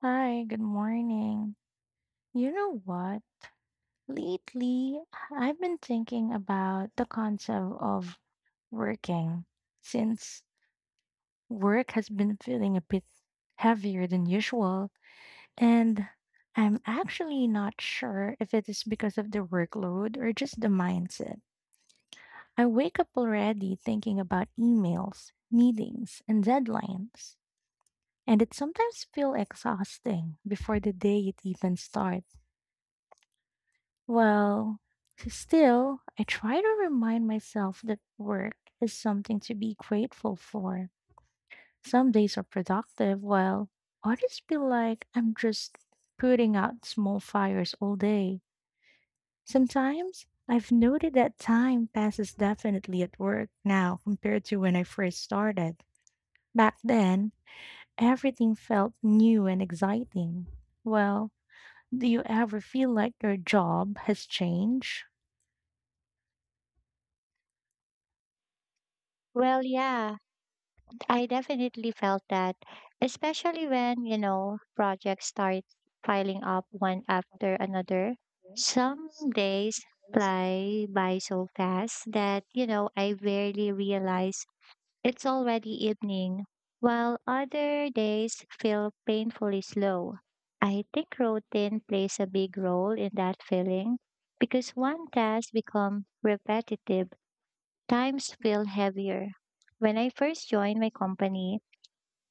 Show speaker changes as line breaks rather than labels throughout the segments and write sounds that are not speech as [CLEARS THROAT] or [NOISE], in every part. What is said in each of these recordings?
Hi, good morning. You know what? Lately, I've been thinking about the concept of working since work has been feeling a bit heavier than usual. And I'm actually not sure if it is because of the workload or just the mindset. I wake up already thinking about emails, meetings, and deadlines. And it sometimes feels exhausting before the day it even starts. Well, still, I try to remind myself that work is something to be grateful for. Some days are productive, while others feel like I'm just putting out small fires all day. Sometimes I've noted that time passes definitely at work now compared to when I first started. Back then, everything felt new and exciting. Well, do you ever feel like your job has changed?
Well, yeah, I definitely felt that, especially when projects start piling up one after another.
Mhm.
Some days fly by so fast that I barely realize it's already evening, while other days feel painfully slow. I think routine plays a big role in that feeling because one task becomes repetitive. Times feel heavier. When I first joined my company,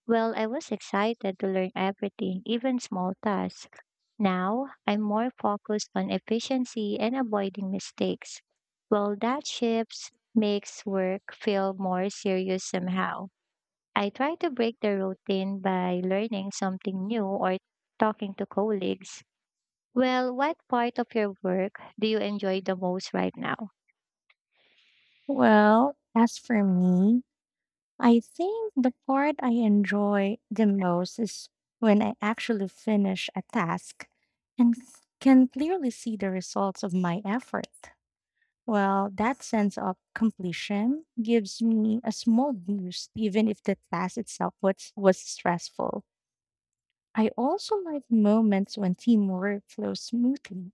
I was excited to learn everything, even small tasks. Now, I'm more focused on efficiency and avoiding mistakes. That shifts makes work feel more serious somehow. I try to break the routine by learning something new or talking to colleagues. What part of your work do you enjoy the most right now?
Well, as for me, I think the part I enjoy the most is when I actually finish a task and can clearly see the results of my effort. Well, that sense of completion gives me a small boost, even if the task itself was stressful. I also like moments when teamwork flows smoothly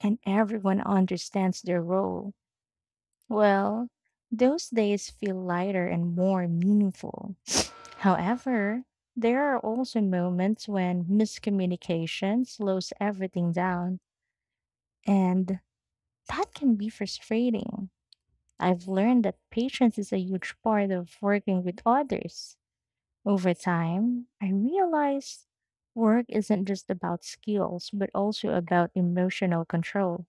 and everyone understands their role. Well, those days feel lighter and more meaningful. However, there are also moments when miscommunication slows everything down, and that can be frustrating. I've learned that patience is a huge part of working with others. Over time, I realized work isn't just about skills, but also about emotional control.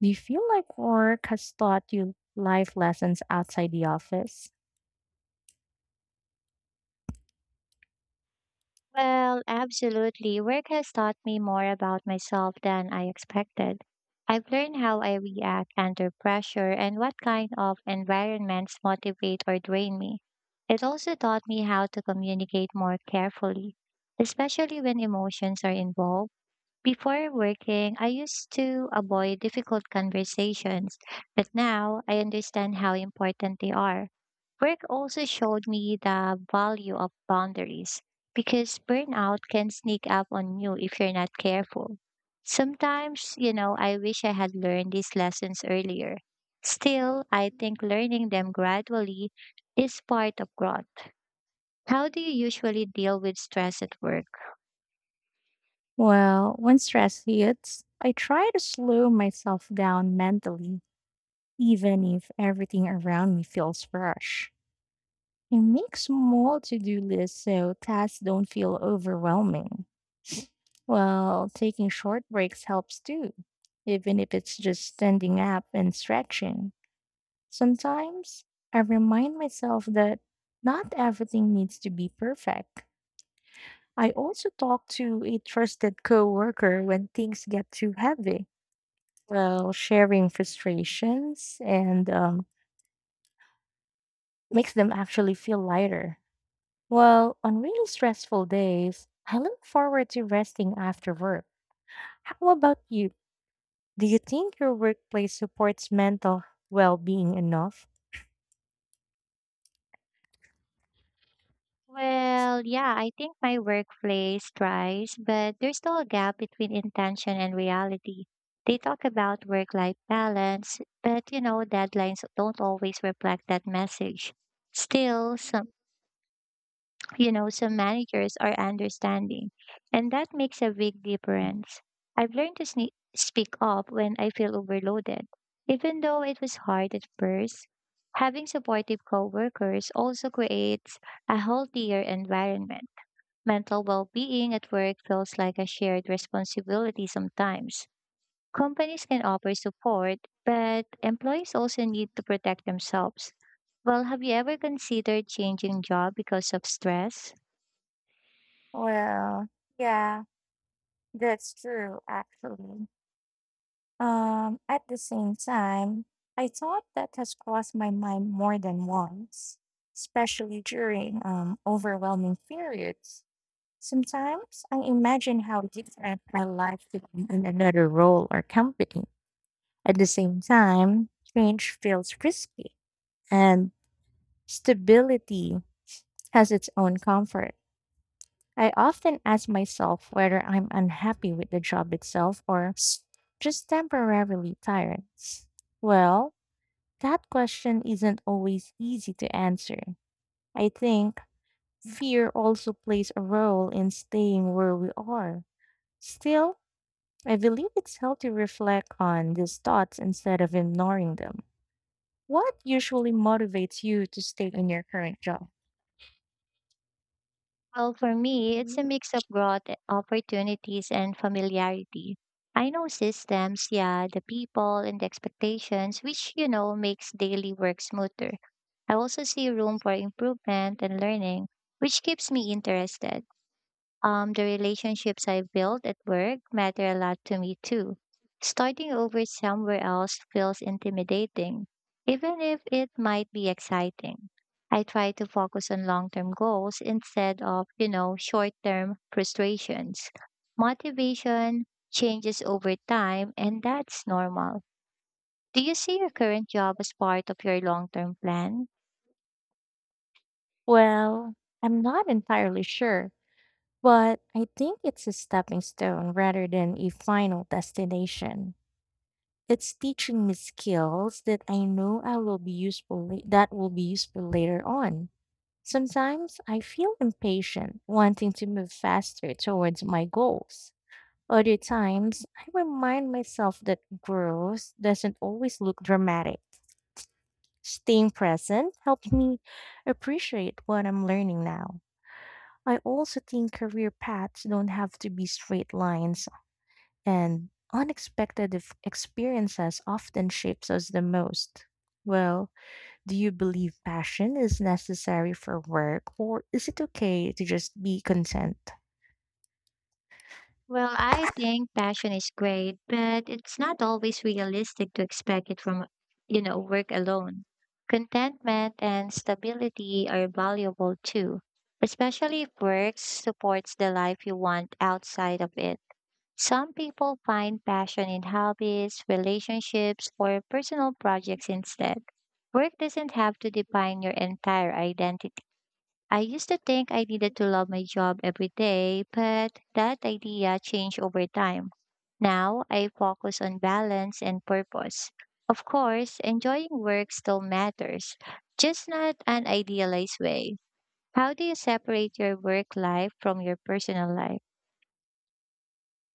Do you feel like work has taught you life lessons outside the office?
Well, absolutely. Work has taught me more about myself than I expected. I've learned how I react under pressure and what kind of environments motivate or drain me. It also taught me how to communicate more carefully, especially when emotions are involved. Before working, I used to avoid difficult conversations, but now I understand how important they are. Work also showed me the value of boundaries because burnout can sneak up on you if you're not careful. Sometimes, I wish I had learned these lessons earlier. Still, I think learning them gradually is part of growth. How do you usually deal with stress at work?
Well, when stress hits, I try to slow myself down mentally, even if everything around me feels rush. I make small to do lists so tasks don't feel overwhelming. Well, taking short breaks helps too, even if it's just standing up and stretching. Sometimes I remind myself that not everything needs to be perfect. I also talk to a trusted coworker when things get too heavy. Well, sharing frustrations and makes them actually feel lighter. Well, on really stressful days, I look forward to resting after work. How about you? Do you think your workplace supports mental well being enough?
Well, yeah, I think my workplace tries, but there's still a gap between intention and reality. They talk about work-life balance, but deadlines don't always reflect that message. Still, [LAUGHS] some managers are understanding, and that makes a big difference. I've learned to sne speak up when I feel overloaded, even though it was hard at first. Having supportive coworkers also creates a healthier environment. Mental well being at work feels like a shared responsibility sometimes. Companies can offer support, but employees also need to protect themselves. Well, have you ever considered changing job because of stress?
Well, yeah, that's true, actually. At the same time, I thought that has crossed my mind more than once, especially during overwhelming periods. Sometimes I imagine how different my life would be in another role or company. At the same time, change feels risky, and stability has its own comfort. I often ask myself whether I'm unhappy with the job itself or just temporarily tired. Well, that question isn't always easy to answer. I think fear also plays a role in staying where we are. Still, I believe it's healthy to reflect on these thoughts instead of ignoring them. What usually motivates you to stay in your current job?
Well, for me, it's a
Mm.
mix of growth opportunities and familiarity. I know systems, yeah, the people and the expectations, which makes daily work smoother. I also see room for improvement and learning, which keeps me interested. The relationships I built at work matter a lot to me too. Starting over somewhere else feels intimidating, even if it might be exciting. I try to focus on long term goals instead of short term frustrations. Motivation changes over time, and that's normal. Do you see your current job as part of your long term plan?
Well, I'm not entirely sure, but I think it's a stepping stone rather than a final destination. It's teaching me skills that I know I will be useful la- that will be useful later on. Sometimes I feel impatient, wanting to move faster towards my goals. Other times, I remind myself that growth doesn't always look dramatic. Staying present helps me appreciate what I'm learning now. I also think career paths don't have to be straight lines, and unexpected experiences often shapes us the most. Well, do you believe passion is necessary for work, or is it okay to just be content?
Well, I think passion is great, but it's not always realistic to expect it from work alone. Contentment and stability are valuable too, especially if work supports the life you want outside of it. Some people find passion in hobbies, relationships, or personal projects instead. Work doesn't have to define your entire identity. I used to think I needed to love my job every day, but that idea changed over time. Now I focus on balance and purpose. Of course, enjoying work still matters, just not an idealized way. How do you separate your work life from your personal life?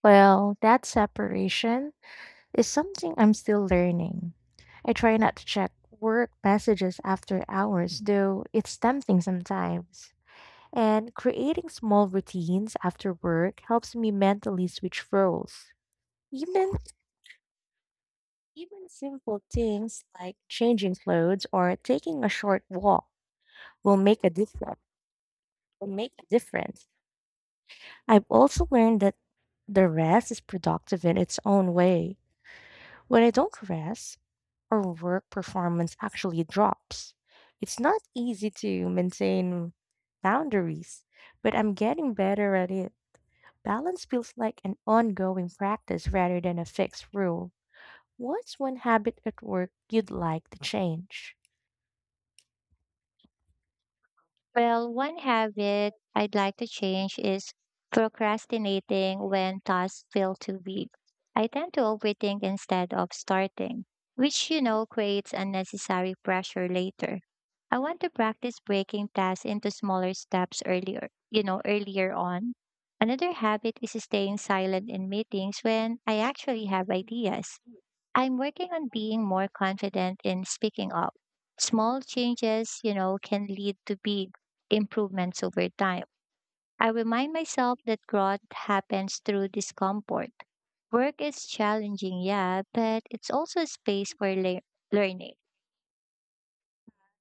Well, that separation is something I'm still learning. I try not to check work messages after hours, though it's tempting sometimes. And creating small routines after work helps me mentally switch roles. Even Even simple things like changing clothes or taking a short walk will make a difference. Will make a difference. I've also learned that the rest is productive in its own way. When I don't rest, or work performance actually drops. It's not easy to maintain boundaries, but I'm getting better at it. Balance feels like an ongoing practice rather than a fixed rule. What's one habit at work you'd like to change?
Well, one habit I'd like to change is procrastinating when tasks feel too big. I tend to overthink instead of starting, which creates unnecessary pressure later. I want to practice breaking tasks into smaller steps earlier on. Another habit is staying silent in meetings when I actually have ideas. I'm working on being more confident in speaking up. Small changes can lead to big improvements over time. I remind myself that growth happens through discomfort. Work is challenging, yeah, but it's also a space for learning.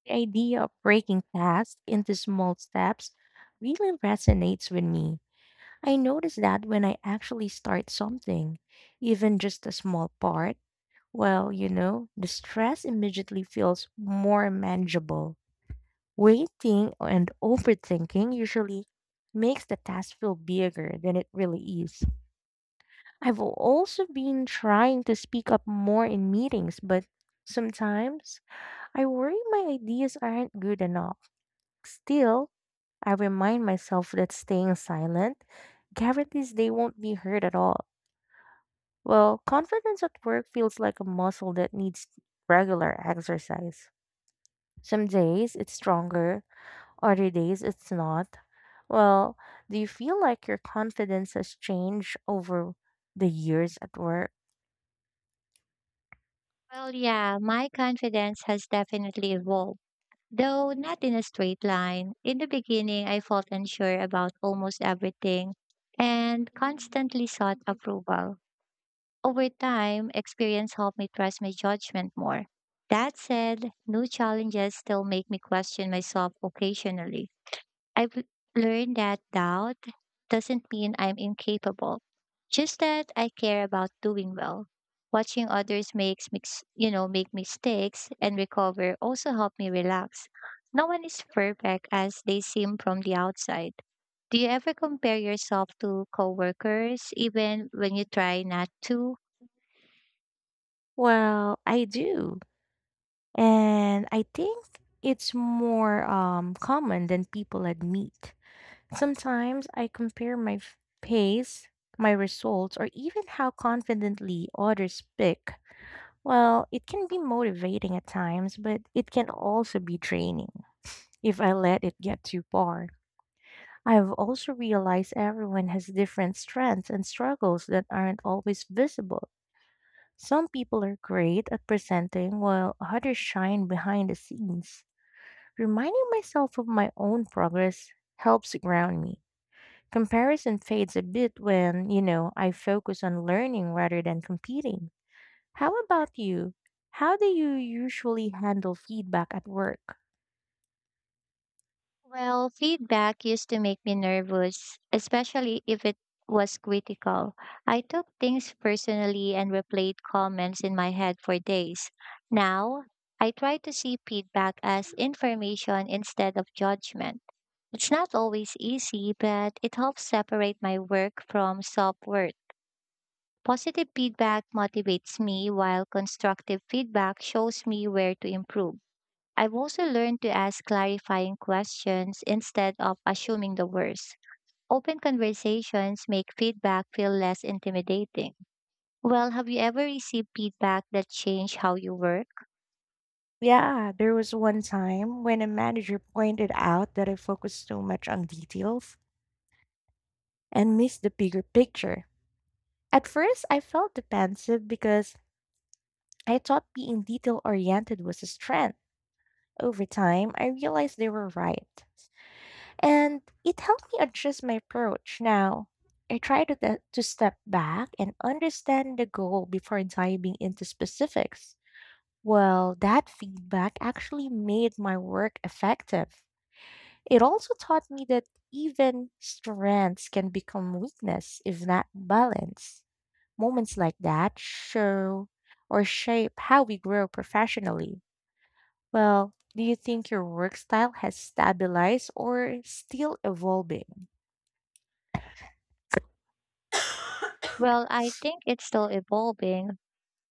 The idea of breaking tasks into small steps really resonates with me. I notice that when I actually start something, even just a small part, the stress immediately feels more manageable. Waiting and overthinking usually makes the task feel bigger than it really is. I've also been trying to speak up more in meetings, but sometimes I worry my ideas aren't good enough. Still, I remind myself that staying silent guarantees they won't be heard at all. Well, confidence at work feels like a muscle that needs regular exercise. Some days it's stronger, other days it's not. Well, do you feel like your confidence has changed over the years at work?
Well, yeah, my confidence has definitely evolved, though not in a straight line. In the beginning, I felt unsure about almost everything and constantly sought approval. Over time, experience helped me trust my judgment more. That said, new challenges still make me question myself occasionally. I've learned that doubt doesn't mean I'm incapable, just that I care about doing well. Watching others makes mix, you know, make mistakes and recover also helped me relax. No one is perfect as they seem from the outside. Do you ever compare yourself to coworkers even when you try not to?
Well, I do. And I think it's more common than people admit. Sometimes I compare my pace, my results, or even how confidently others speak. Well, it can be motivating at times, but it can also be draining if I let it get too far. I've also realized everyone has different strengths and struggles that aren't always visible. Some people are great at presenting while others shine behind the scenes. Reminding myself of my own progress helps ground me. Comparison fades a bit when I focus on learning rather than competing. How about you? How do you usually handle feedback at work?
Well, feedback used to make me nervous, especially if it was critical. I took things personally and replayed comments in my head for days. Now, I try to see feedback as information instead of judgment. It's not always easy, but it helps separate my work from self worth. Positive feedback motivates me, while constructive feedback shows me where to improve. I've also learned to ask clarifying questions instead of assuming the worst. Open conversations make feedback feel less intimidating. Well, have you ever received feedback that changed how you work?
Yeah, there was one time when a manager pointed out that I focused too much on details and missed the bigger picture. At first, I felt defensive because I thought being detail oriented was a strength. Over time, I realized they were right. And it helped me adjust my approach. Now, I try to, to step back and understand the goal before diving into specifics. Well, that feedback actually made my work effective. It also taught me that even strengths can become weakness if not balanced. Moments like that show or shape how we grow professionally. Well, do you think your work style has stabilized or still evolving?
Well, I think it's still evolving,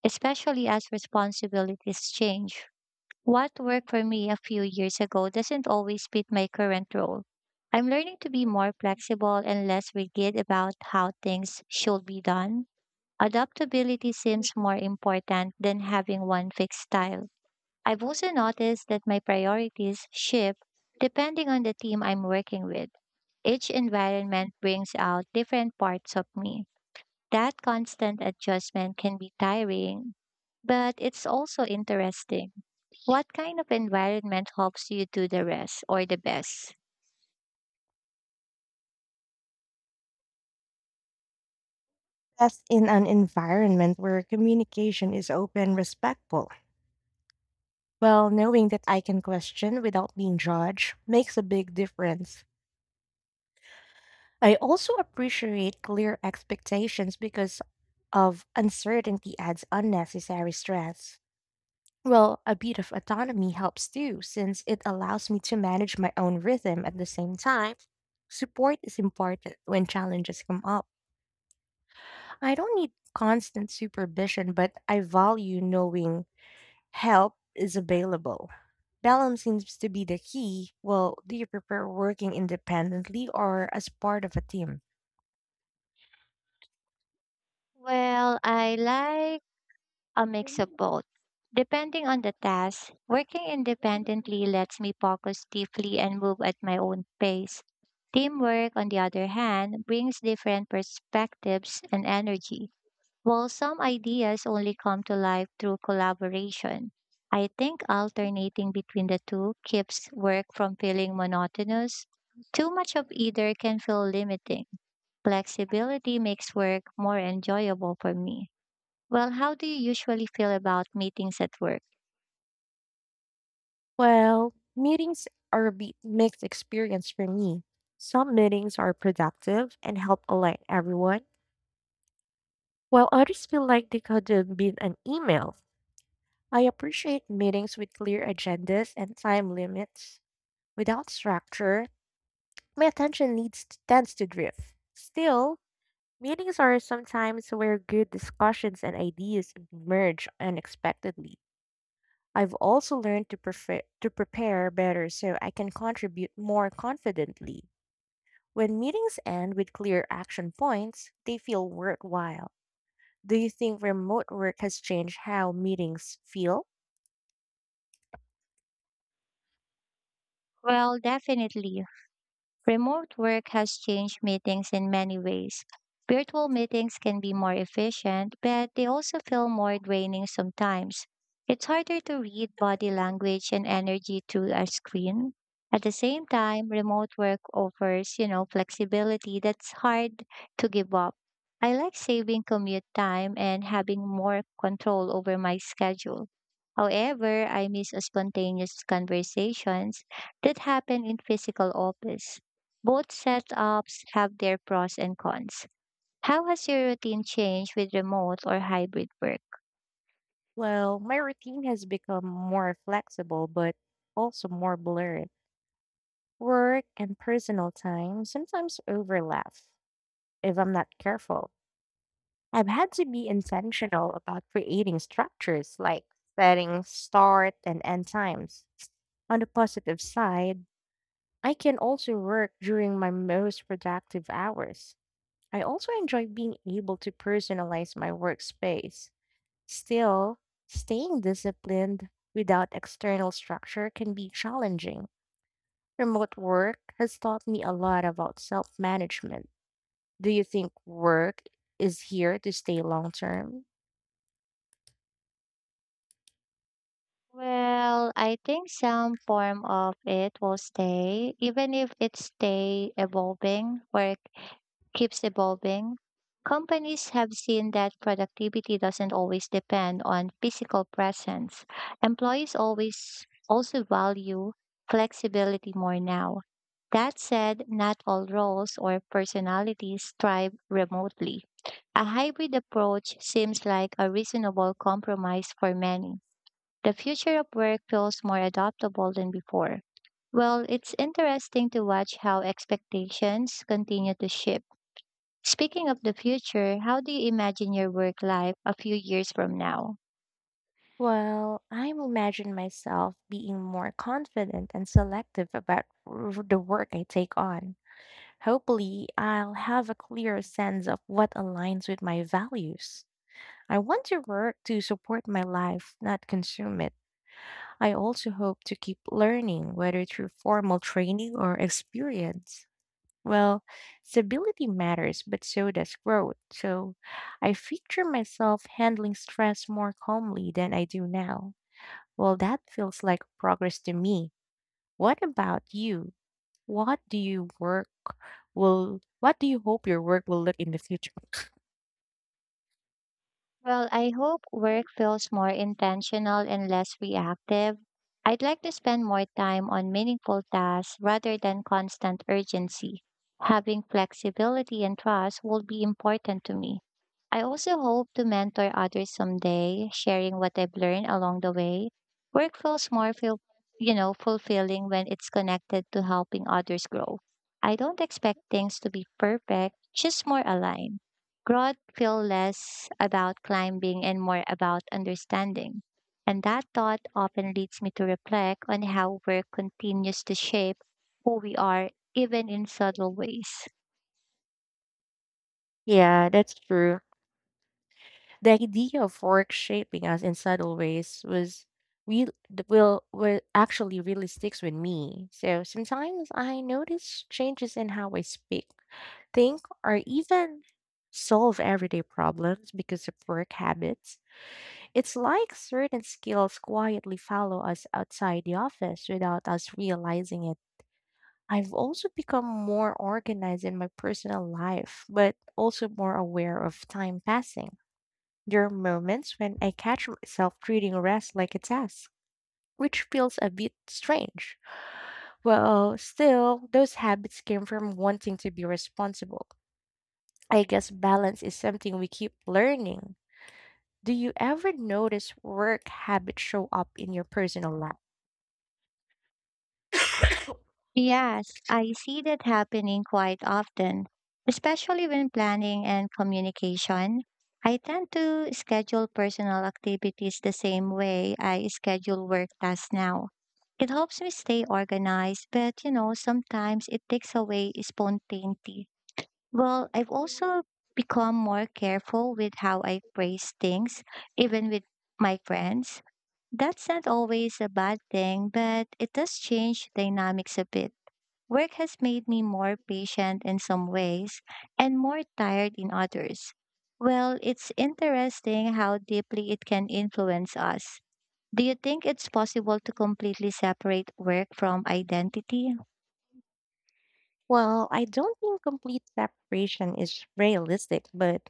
especially as responsibilities change. What worked for me a few years ago doesn't always fit my current role. I'm learning to be more flexible and less rigid about how things should be done. Adaptability seems more important than having one fixed style. I've also noticed that my priorities shift depending on the team I'm working with. Each environment brings out different parts of me. That constant adjustment can be tiring, but it's also interesting. What kind of environment helps you do the rest or the best?
That's in an environment where communication is open, respectful. Well, knowing that I can question without being judged makes a big difference. I also appreciate clear expectations because of uncertainty adds unnecessary stress. Well, a bit of autonomy helps too, since it allows me to manage my own rhythm at the same time. Support is important when challenges come up. I don't need constant supervision, but I value knowing help is available. Balance seems to be the key. Well, do you prefer working independently or as part of a team?
Well, I like a mix of both. Depending on the task, working independently lets me focus deeply and move at my own pace. Teamwork, on the other hand, brings different perspectives and energy. While some ideas only come to life through collaboration, I think alternating between the two keeps work from feeling monotonous. Too much of either can feel limiting. Flexibility makes work more enjoyable for me. Well, how do you usually feel about meetings at work?
Well, meetings are a mixed experience for me. Some meetings are productive and help align everyone, while others feel like they could have been an email. I appreciate meetings with clear agendas and time limits. Without structure, my attention needs tends to drift. Still, meetings are sometimes where good discussions and ideas emerge unexpectedly. I've also learned to prefer to prepare better so I can contribute more confidently. When meetings end with clear action points, they feel worthwhile. Do you think remote work has changed how meetings feel?
Well, definitely. Remote work has changed meetings in many ways. Virtual meetings can be more efficient, but they also feel more draining sometimes. It's harder to read body language and energy through a screen. At the same time, remote work offers flexibility that's hard to give up. I like saving commute time and having more control over my schedule. However, I miss spontaneous conversations that happen in physical office. Both setups have their pros and cons. How has your routine changed with remote or hybrid work?
Well, my routine has become more flexible, but also more blurred. Work and personal time sometimes overlap if I'm not careful. I've had to be intentional about creating structures like setting start and end times. On the positive side, I can also work during my most productive hours. I also enjoy being able to personalize my workspace. Still, staying disciplined without external structure can be challenging. Remote work has taught me a lot about self management. Do you think work is here to stay long term?
Well, I think some form of it will stay, even if it stay evolving or it keeps evolving. Companies have seen that productivity doesn't always depend on physical presence. Employees always also value flexibility more now. That said, not all roles or personalities thrive remotely. A hybrid approach seems like a reasonable compromise for many. The future of work feels more adaptable than before. Well, it's interesting to watch how expectations continue to shift. Speaking of the future, how do you imagine your work life a few years from now?
Well, I imagine myself being more confident and selective about the work I take on. Hopefully, I'll have a clearer sense of what aligns with my values. I want to work to support my life, not consume it. I also hope to keep learning, whether through formal training or experience. Well, stability matters, but so does growth. So I picture myself handling stress more calmly than I do now. Well, that feels like progress to me. What about you? What do you work what do you hope your work will look in the future?
Well, I hope work feels more intentional and less reactive. I'd like to spend more time on meaningful tasks rather than constant urgency. Having flexibility and trust will be important to me. I also hope to mentor others someday, sharing what I've learned along the way. Work feels more feel, you know, Fulfilling when it's connected to helping others grow. I don't expect things to be perfect, just more aligned. Growth feel less about climbing and more about understanding. And that thought often leads me to reflect on how work continues to shape who we are, even in subtle ways.
Yeah, that's true. The idea of work shaping us in subtle ways was real th- will actually really sticks with me. So sometimes I notice changes in how I speak, think, or even solve everyday problems because of work habits. It's like certain skills quietly follow us outside the office without us realizing it. I've also become more organized in my personal life, but also more aware of time passing. There are moments when I catch myself treating rest like a task, which feels a bit strange. Well, still, those habits came from wanting to be responsible. I guess balance is something we keep learning. Do you ever notice work habits show up in your personal life?
Yes, I see that happening quite often, especially when planning and communication. I tend to schedule personal activities the same way I schedule work tasks now. It helps me stay organized, but sometimes it takes away spontaneity. Well, I've also become more careful with how I phrase things, even with my friends. That's not always a bad thing, but it does change dynamics a bit. Work has made me more patient in some ways and more tired in others. Well, it's interesting how deeply it can influence us. Do you think it's possible to completely separate work from identity?
Well, I don't think complete separation is realistic, but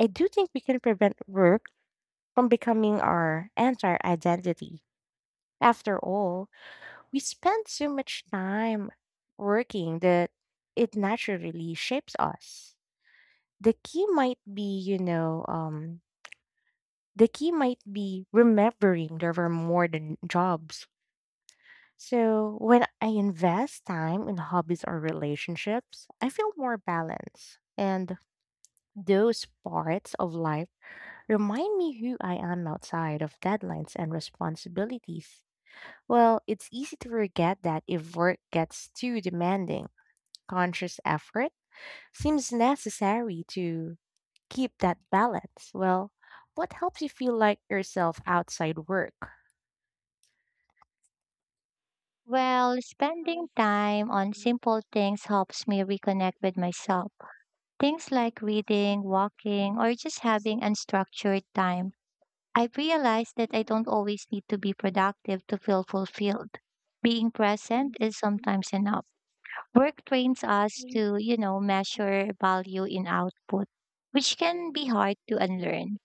I do think we can prevent work from becoming our entire identity. After all, we spend so much time working that it naturally shapes us. The key might be, you know, um, the key might be remembering there were more than jobs. So when I invest time in hobbies or relationships, I feel more balanced. And those parts of life remind me who I am outside of deadlines and responsibilities. Well, it's easy to forget that if work gets too demanding. Conscious effort seems necessary to keep that balance. Well, what helps you feel like yourself outside work?
Well, spending time on simple things helps me reconnect with myself. Things like reading, walking, or just having unstructured time. I've realized that I don't always need to be productive to feel fulfilled. Being present is sometimes enough. Work trains us to measure value in output, which can be hard to unlearn.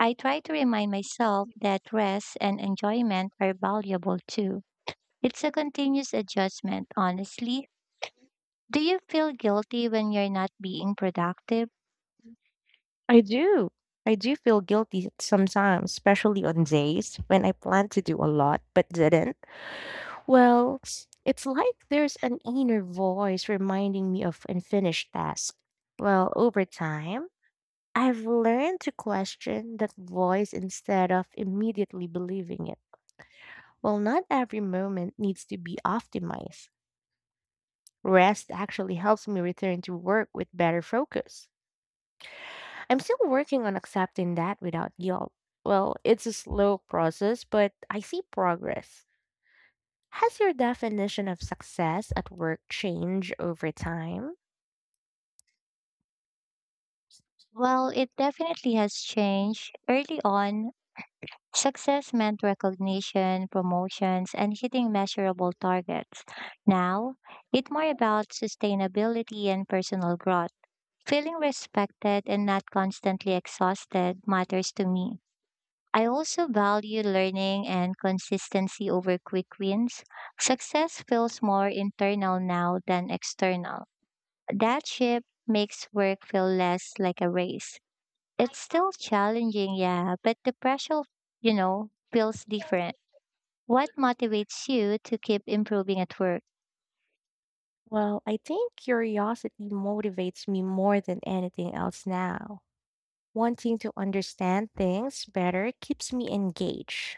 I try to remind myself that rest and enjoyment are valuable too. It's a continuous adjustment, honestly. Do you feel guilty when you're not being productive?
I do. I do feel guilty sometimes, especially on days when I planned to do a lot but didn't. Well, it's like there's an inner voice reminding me of unfinished tasks. Well, over time, I've learned to question that voice instead of immediately believing it. Well, not every moment needs to be optimized. Rest actually helps me return to work with better focus. I'm still working on accepting that without guilt. Well, it's a slow process, but I see progress. Has your definition of success at work changed over time?
Well, it definitely has changed. Early on, success meant recognition, promotions, and hitting measurable targets. Now, it's more about sustainability and personal growth. Feeling respected and not constantly exhausted matters to me. I also value learning and consistency over quick wins. Success feels more internal now than external. That shift makes work feel less like a race it's still challenging, yeah, but the pressure feels different. What motivates you to keep improving at work?
Well, I think curiosity motivates me more than anything else now. Wanting to understand things better keeps me engaged.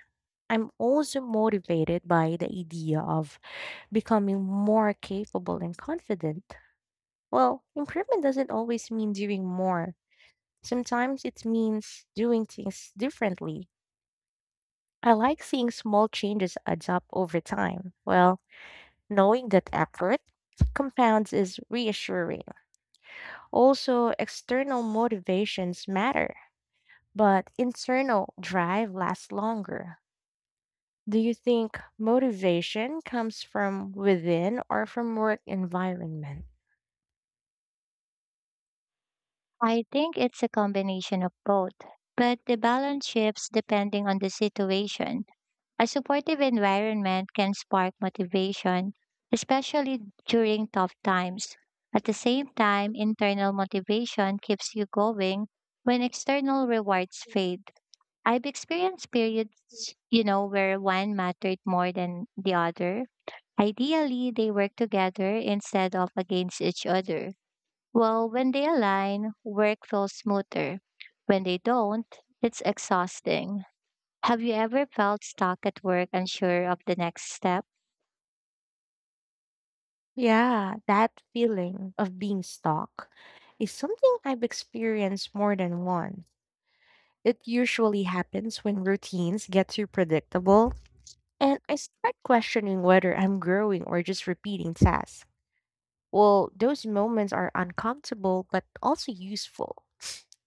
I'm also motivated by the idea of becoming more capable and confident. Well, improvement doesn't always mean doing more, sometimes it means doing things differently. I like seeing small changes add up over time. Well, knowing that effort compounds is reassuring. Also, external motivations matter, but internal drive lasts longer. Do you think motivation comes from within or from work environment?
I think it's a combination of both, but the balance shifts depending on the situation. A supportive environment can spark motivation, especially during tough times. At the same time, internal motivation keeps you going when external rewards fade. I've experienced periods, where one mattered more than the other. Ideally, they work together instead of against each other. Well, when they align, work feels smoother. When they don't, it's exhausting. Have you ever felt stuck at work, unsure of the next step?
Yeah, that feeling of being stuck is something I've experienced more than once. It usually happens when routines get too predictable and I start questioning whether I'm growing or just repeating tasks. Well, those moments are uncomfortable but also useful.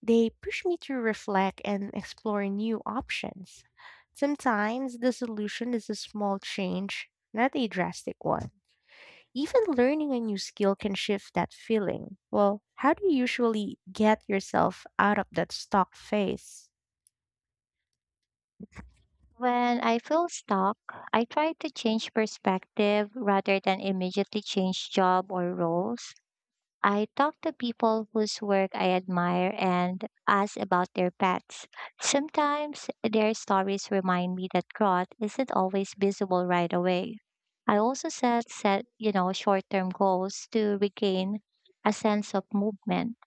They push me to reflect and explore new options. Sometimes the solution is a small change, not a drastic one. Even learning a new skill can shift that feeling. Well, how do you usually get yourself out of that stuck phase?
When I feel stuck, I try to change perspective rather than immediately change job or roles. I talk to people whose work I admire and ask about their pets. Sometimes their stories remind me that growth isn't always visible right away. I also set short-term goals to regain a sense of movement.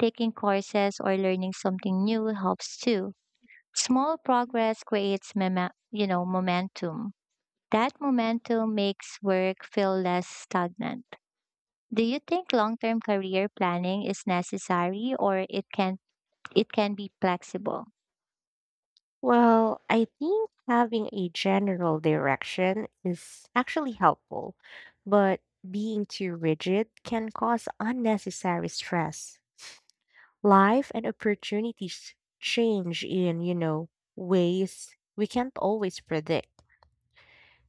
Taking courses or learning something new helps too. Small progress creates momentum. That momentum makes work feel less stagnant. Do you think long-term career planning is necessary or it can be flexible?
Well, I think having a general direction is actually helpful, but being too rigid can cause unnecessary stress. Life and opportunities change in, ways we can't always predict.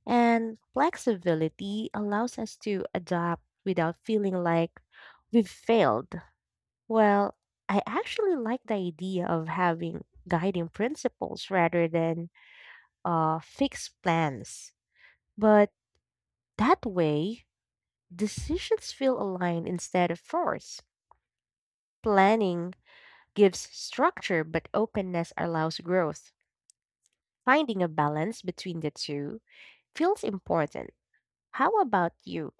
And flexibility allows us to adapt without feeling like we've failed. Well, I actually like the idea of having guiding principles rather than fixed plans. But that way, decisions feel aligned instead of force. Planning gives structure, but openness allows growth. Finding a balance between the two feels important. How about you?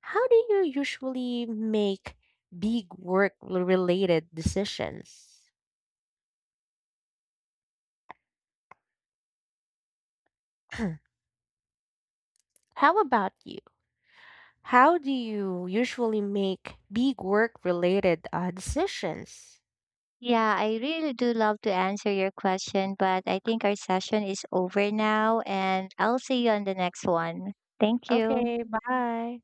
How do you usually make big work related decisions? [CLEARS THROAT] How about you? How do you usually make big work related decisions?
Yeah, I really do love to answer your question, but I think our session is over now and I'll see you on the next one. Thank you.
Okay, bye.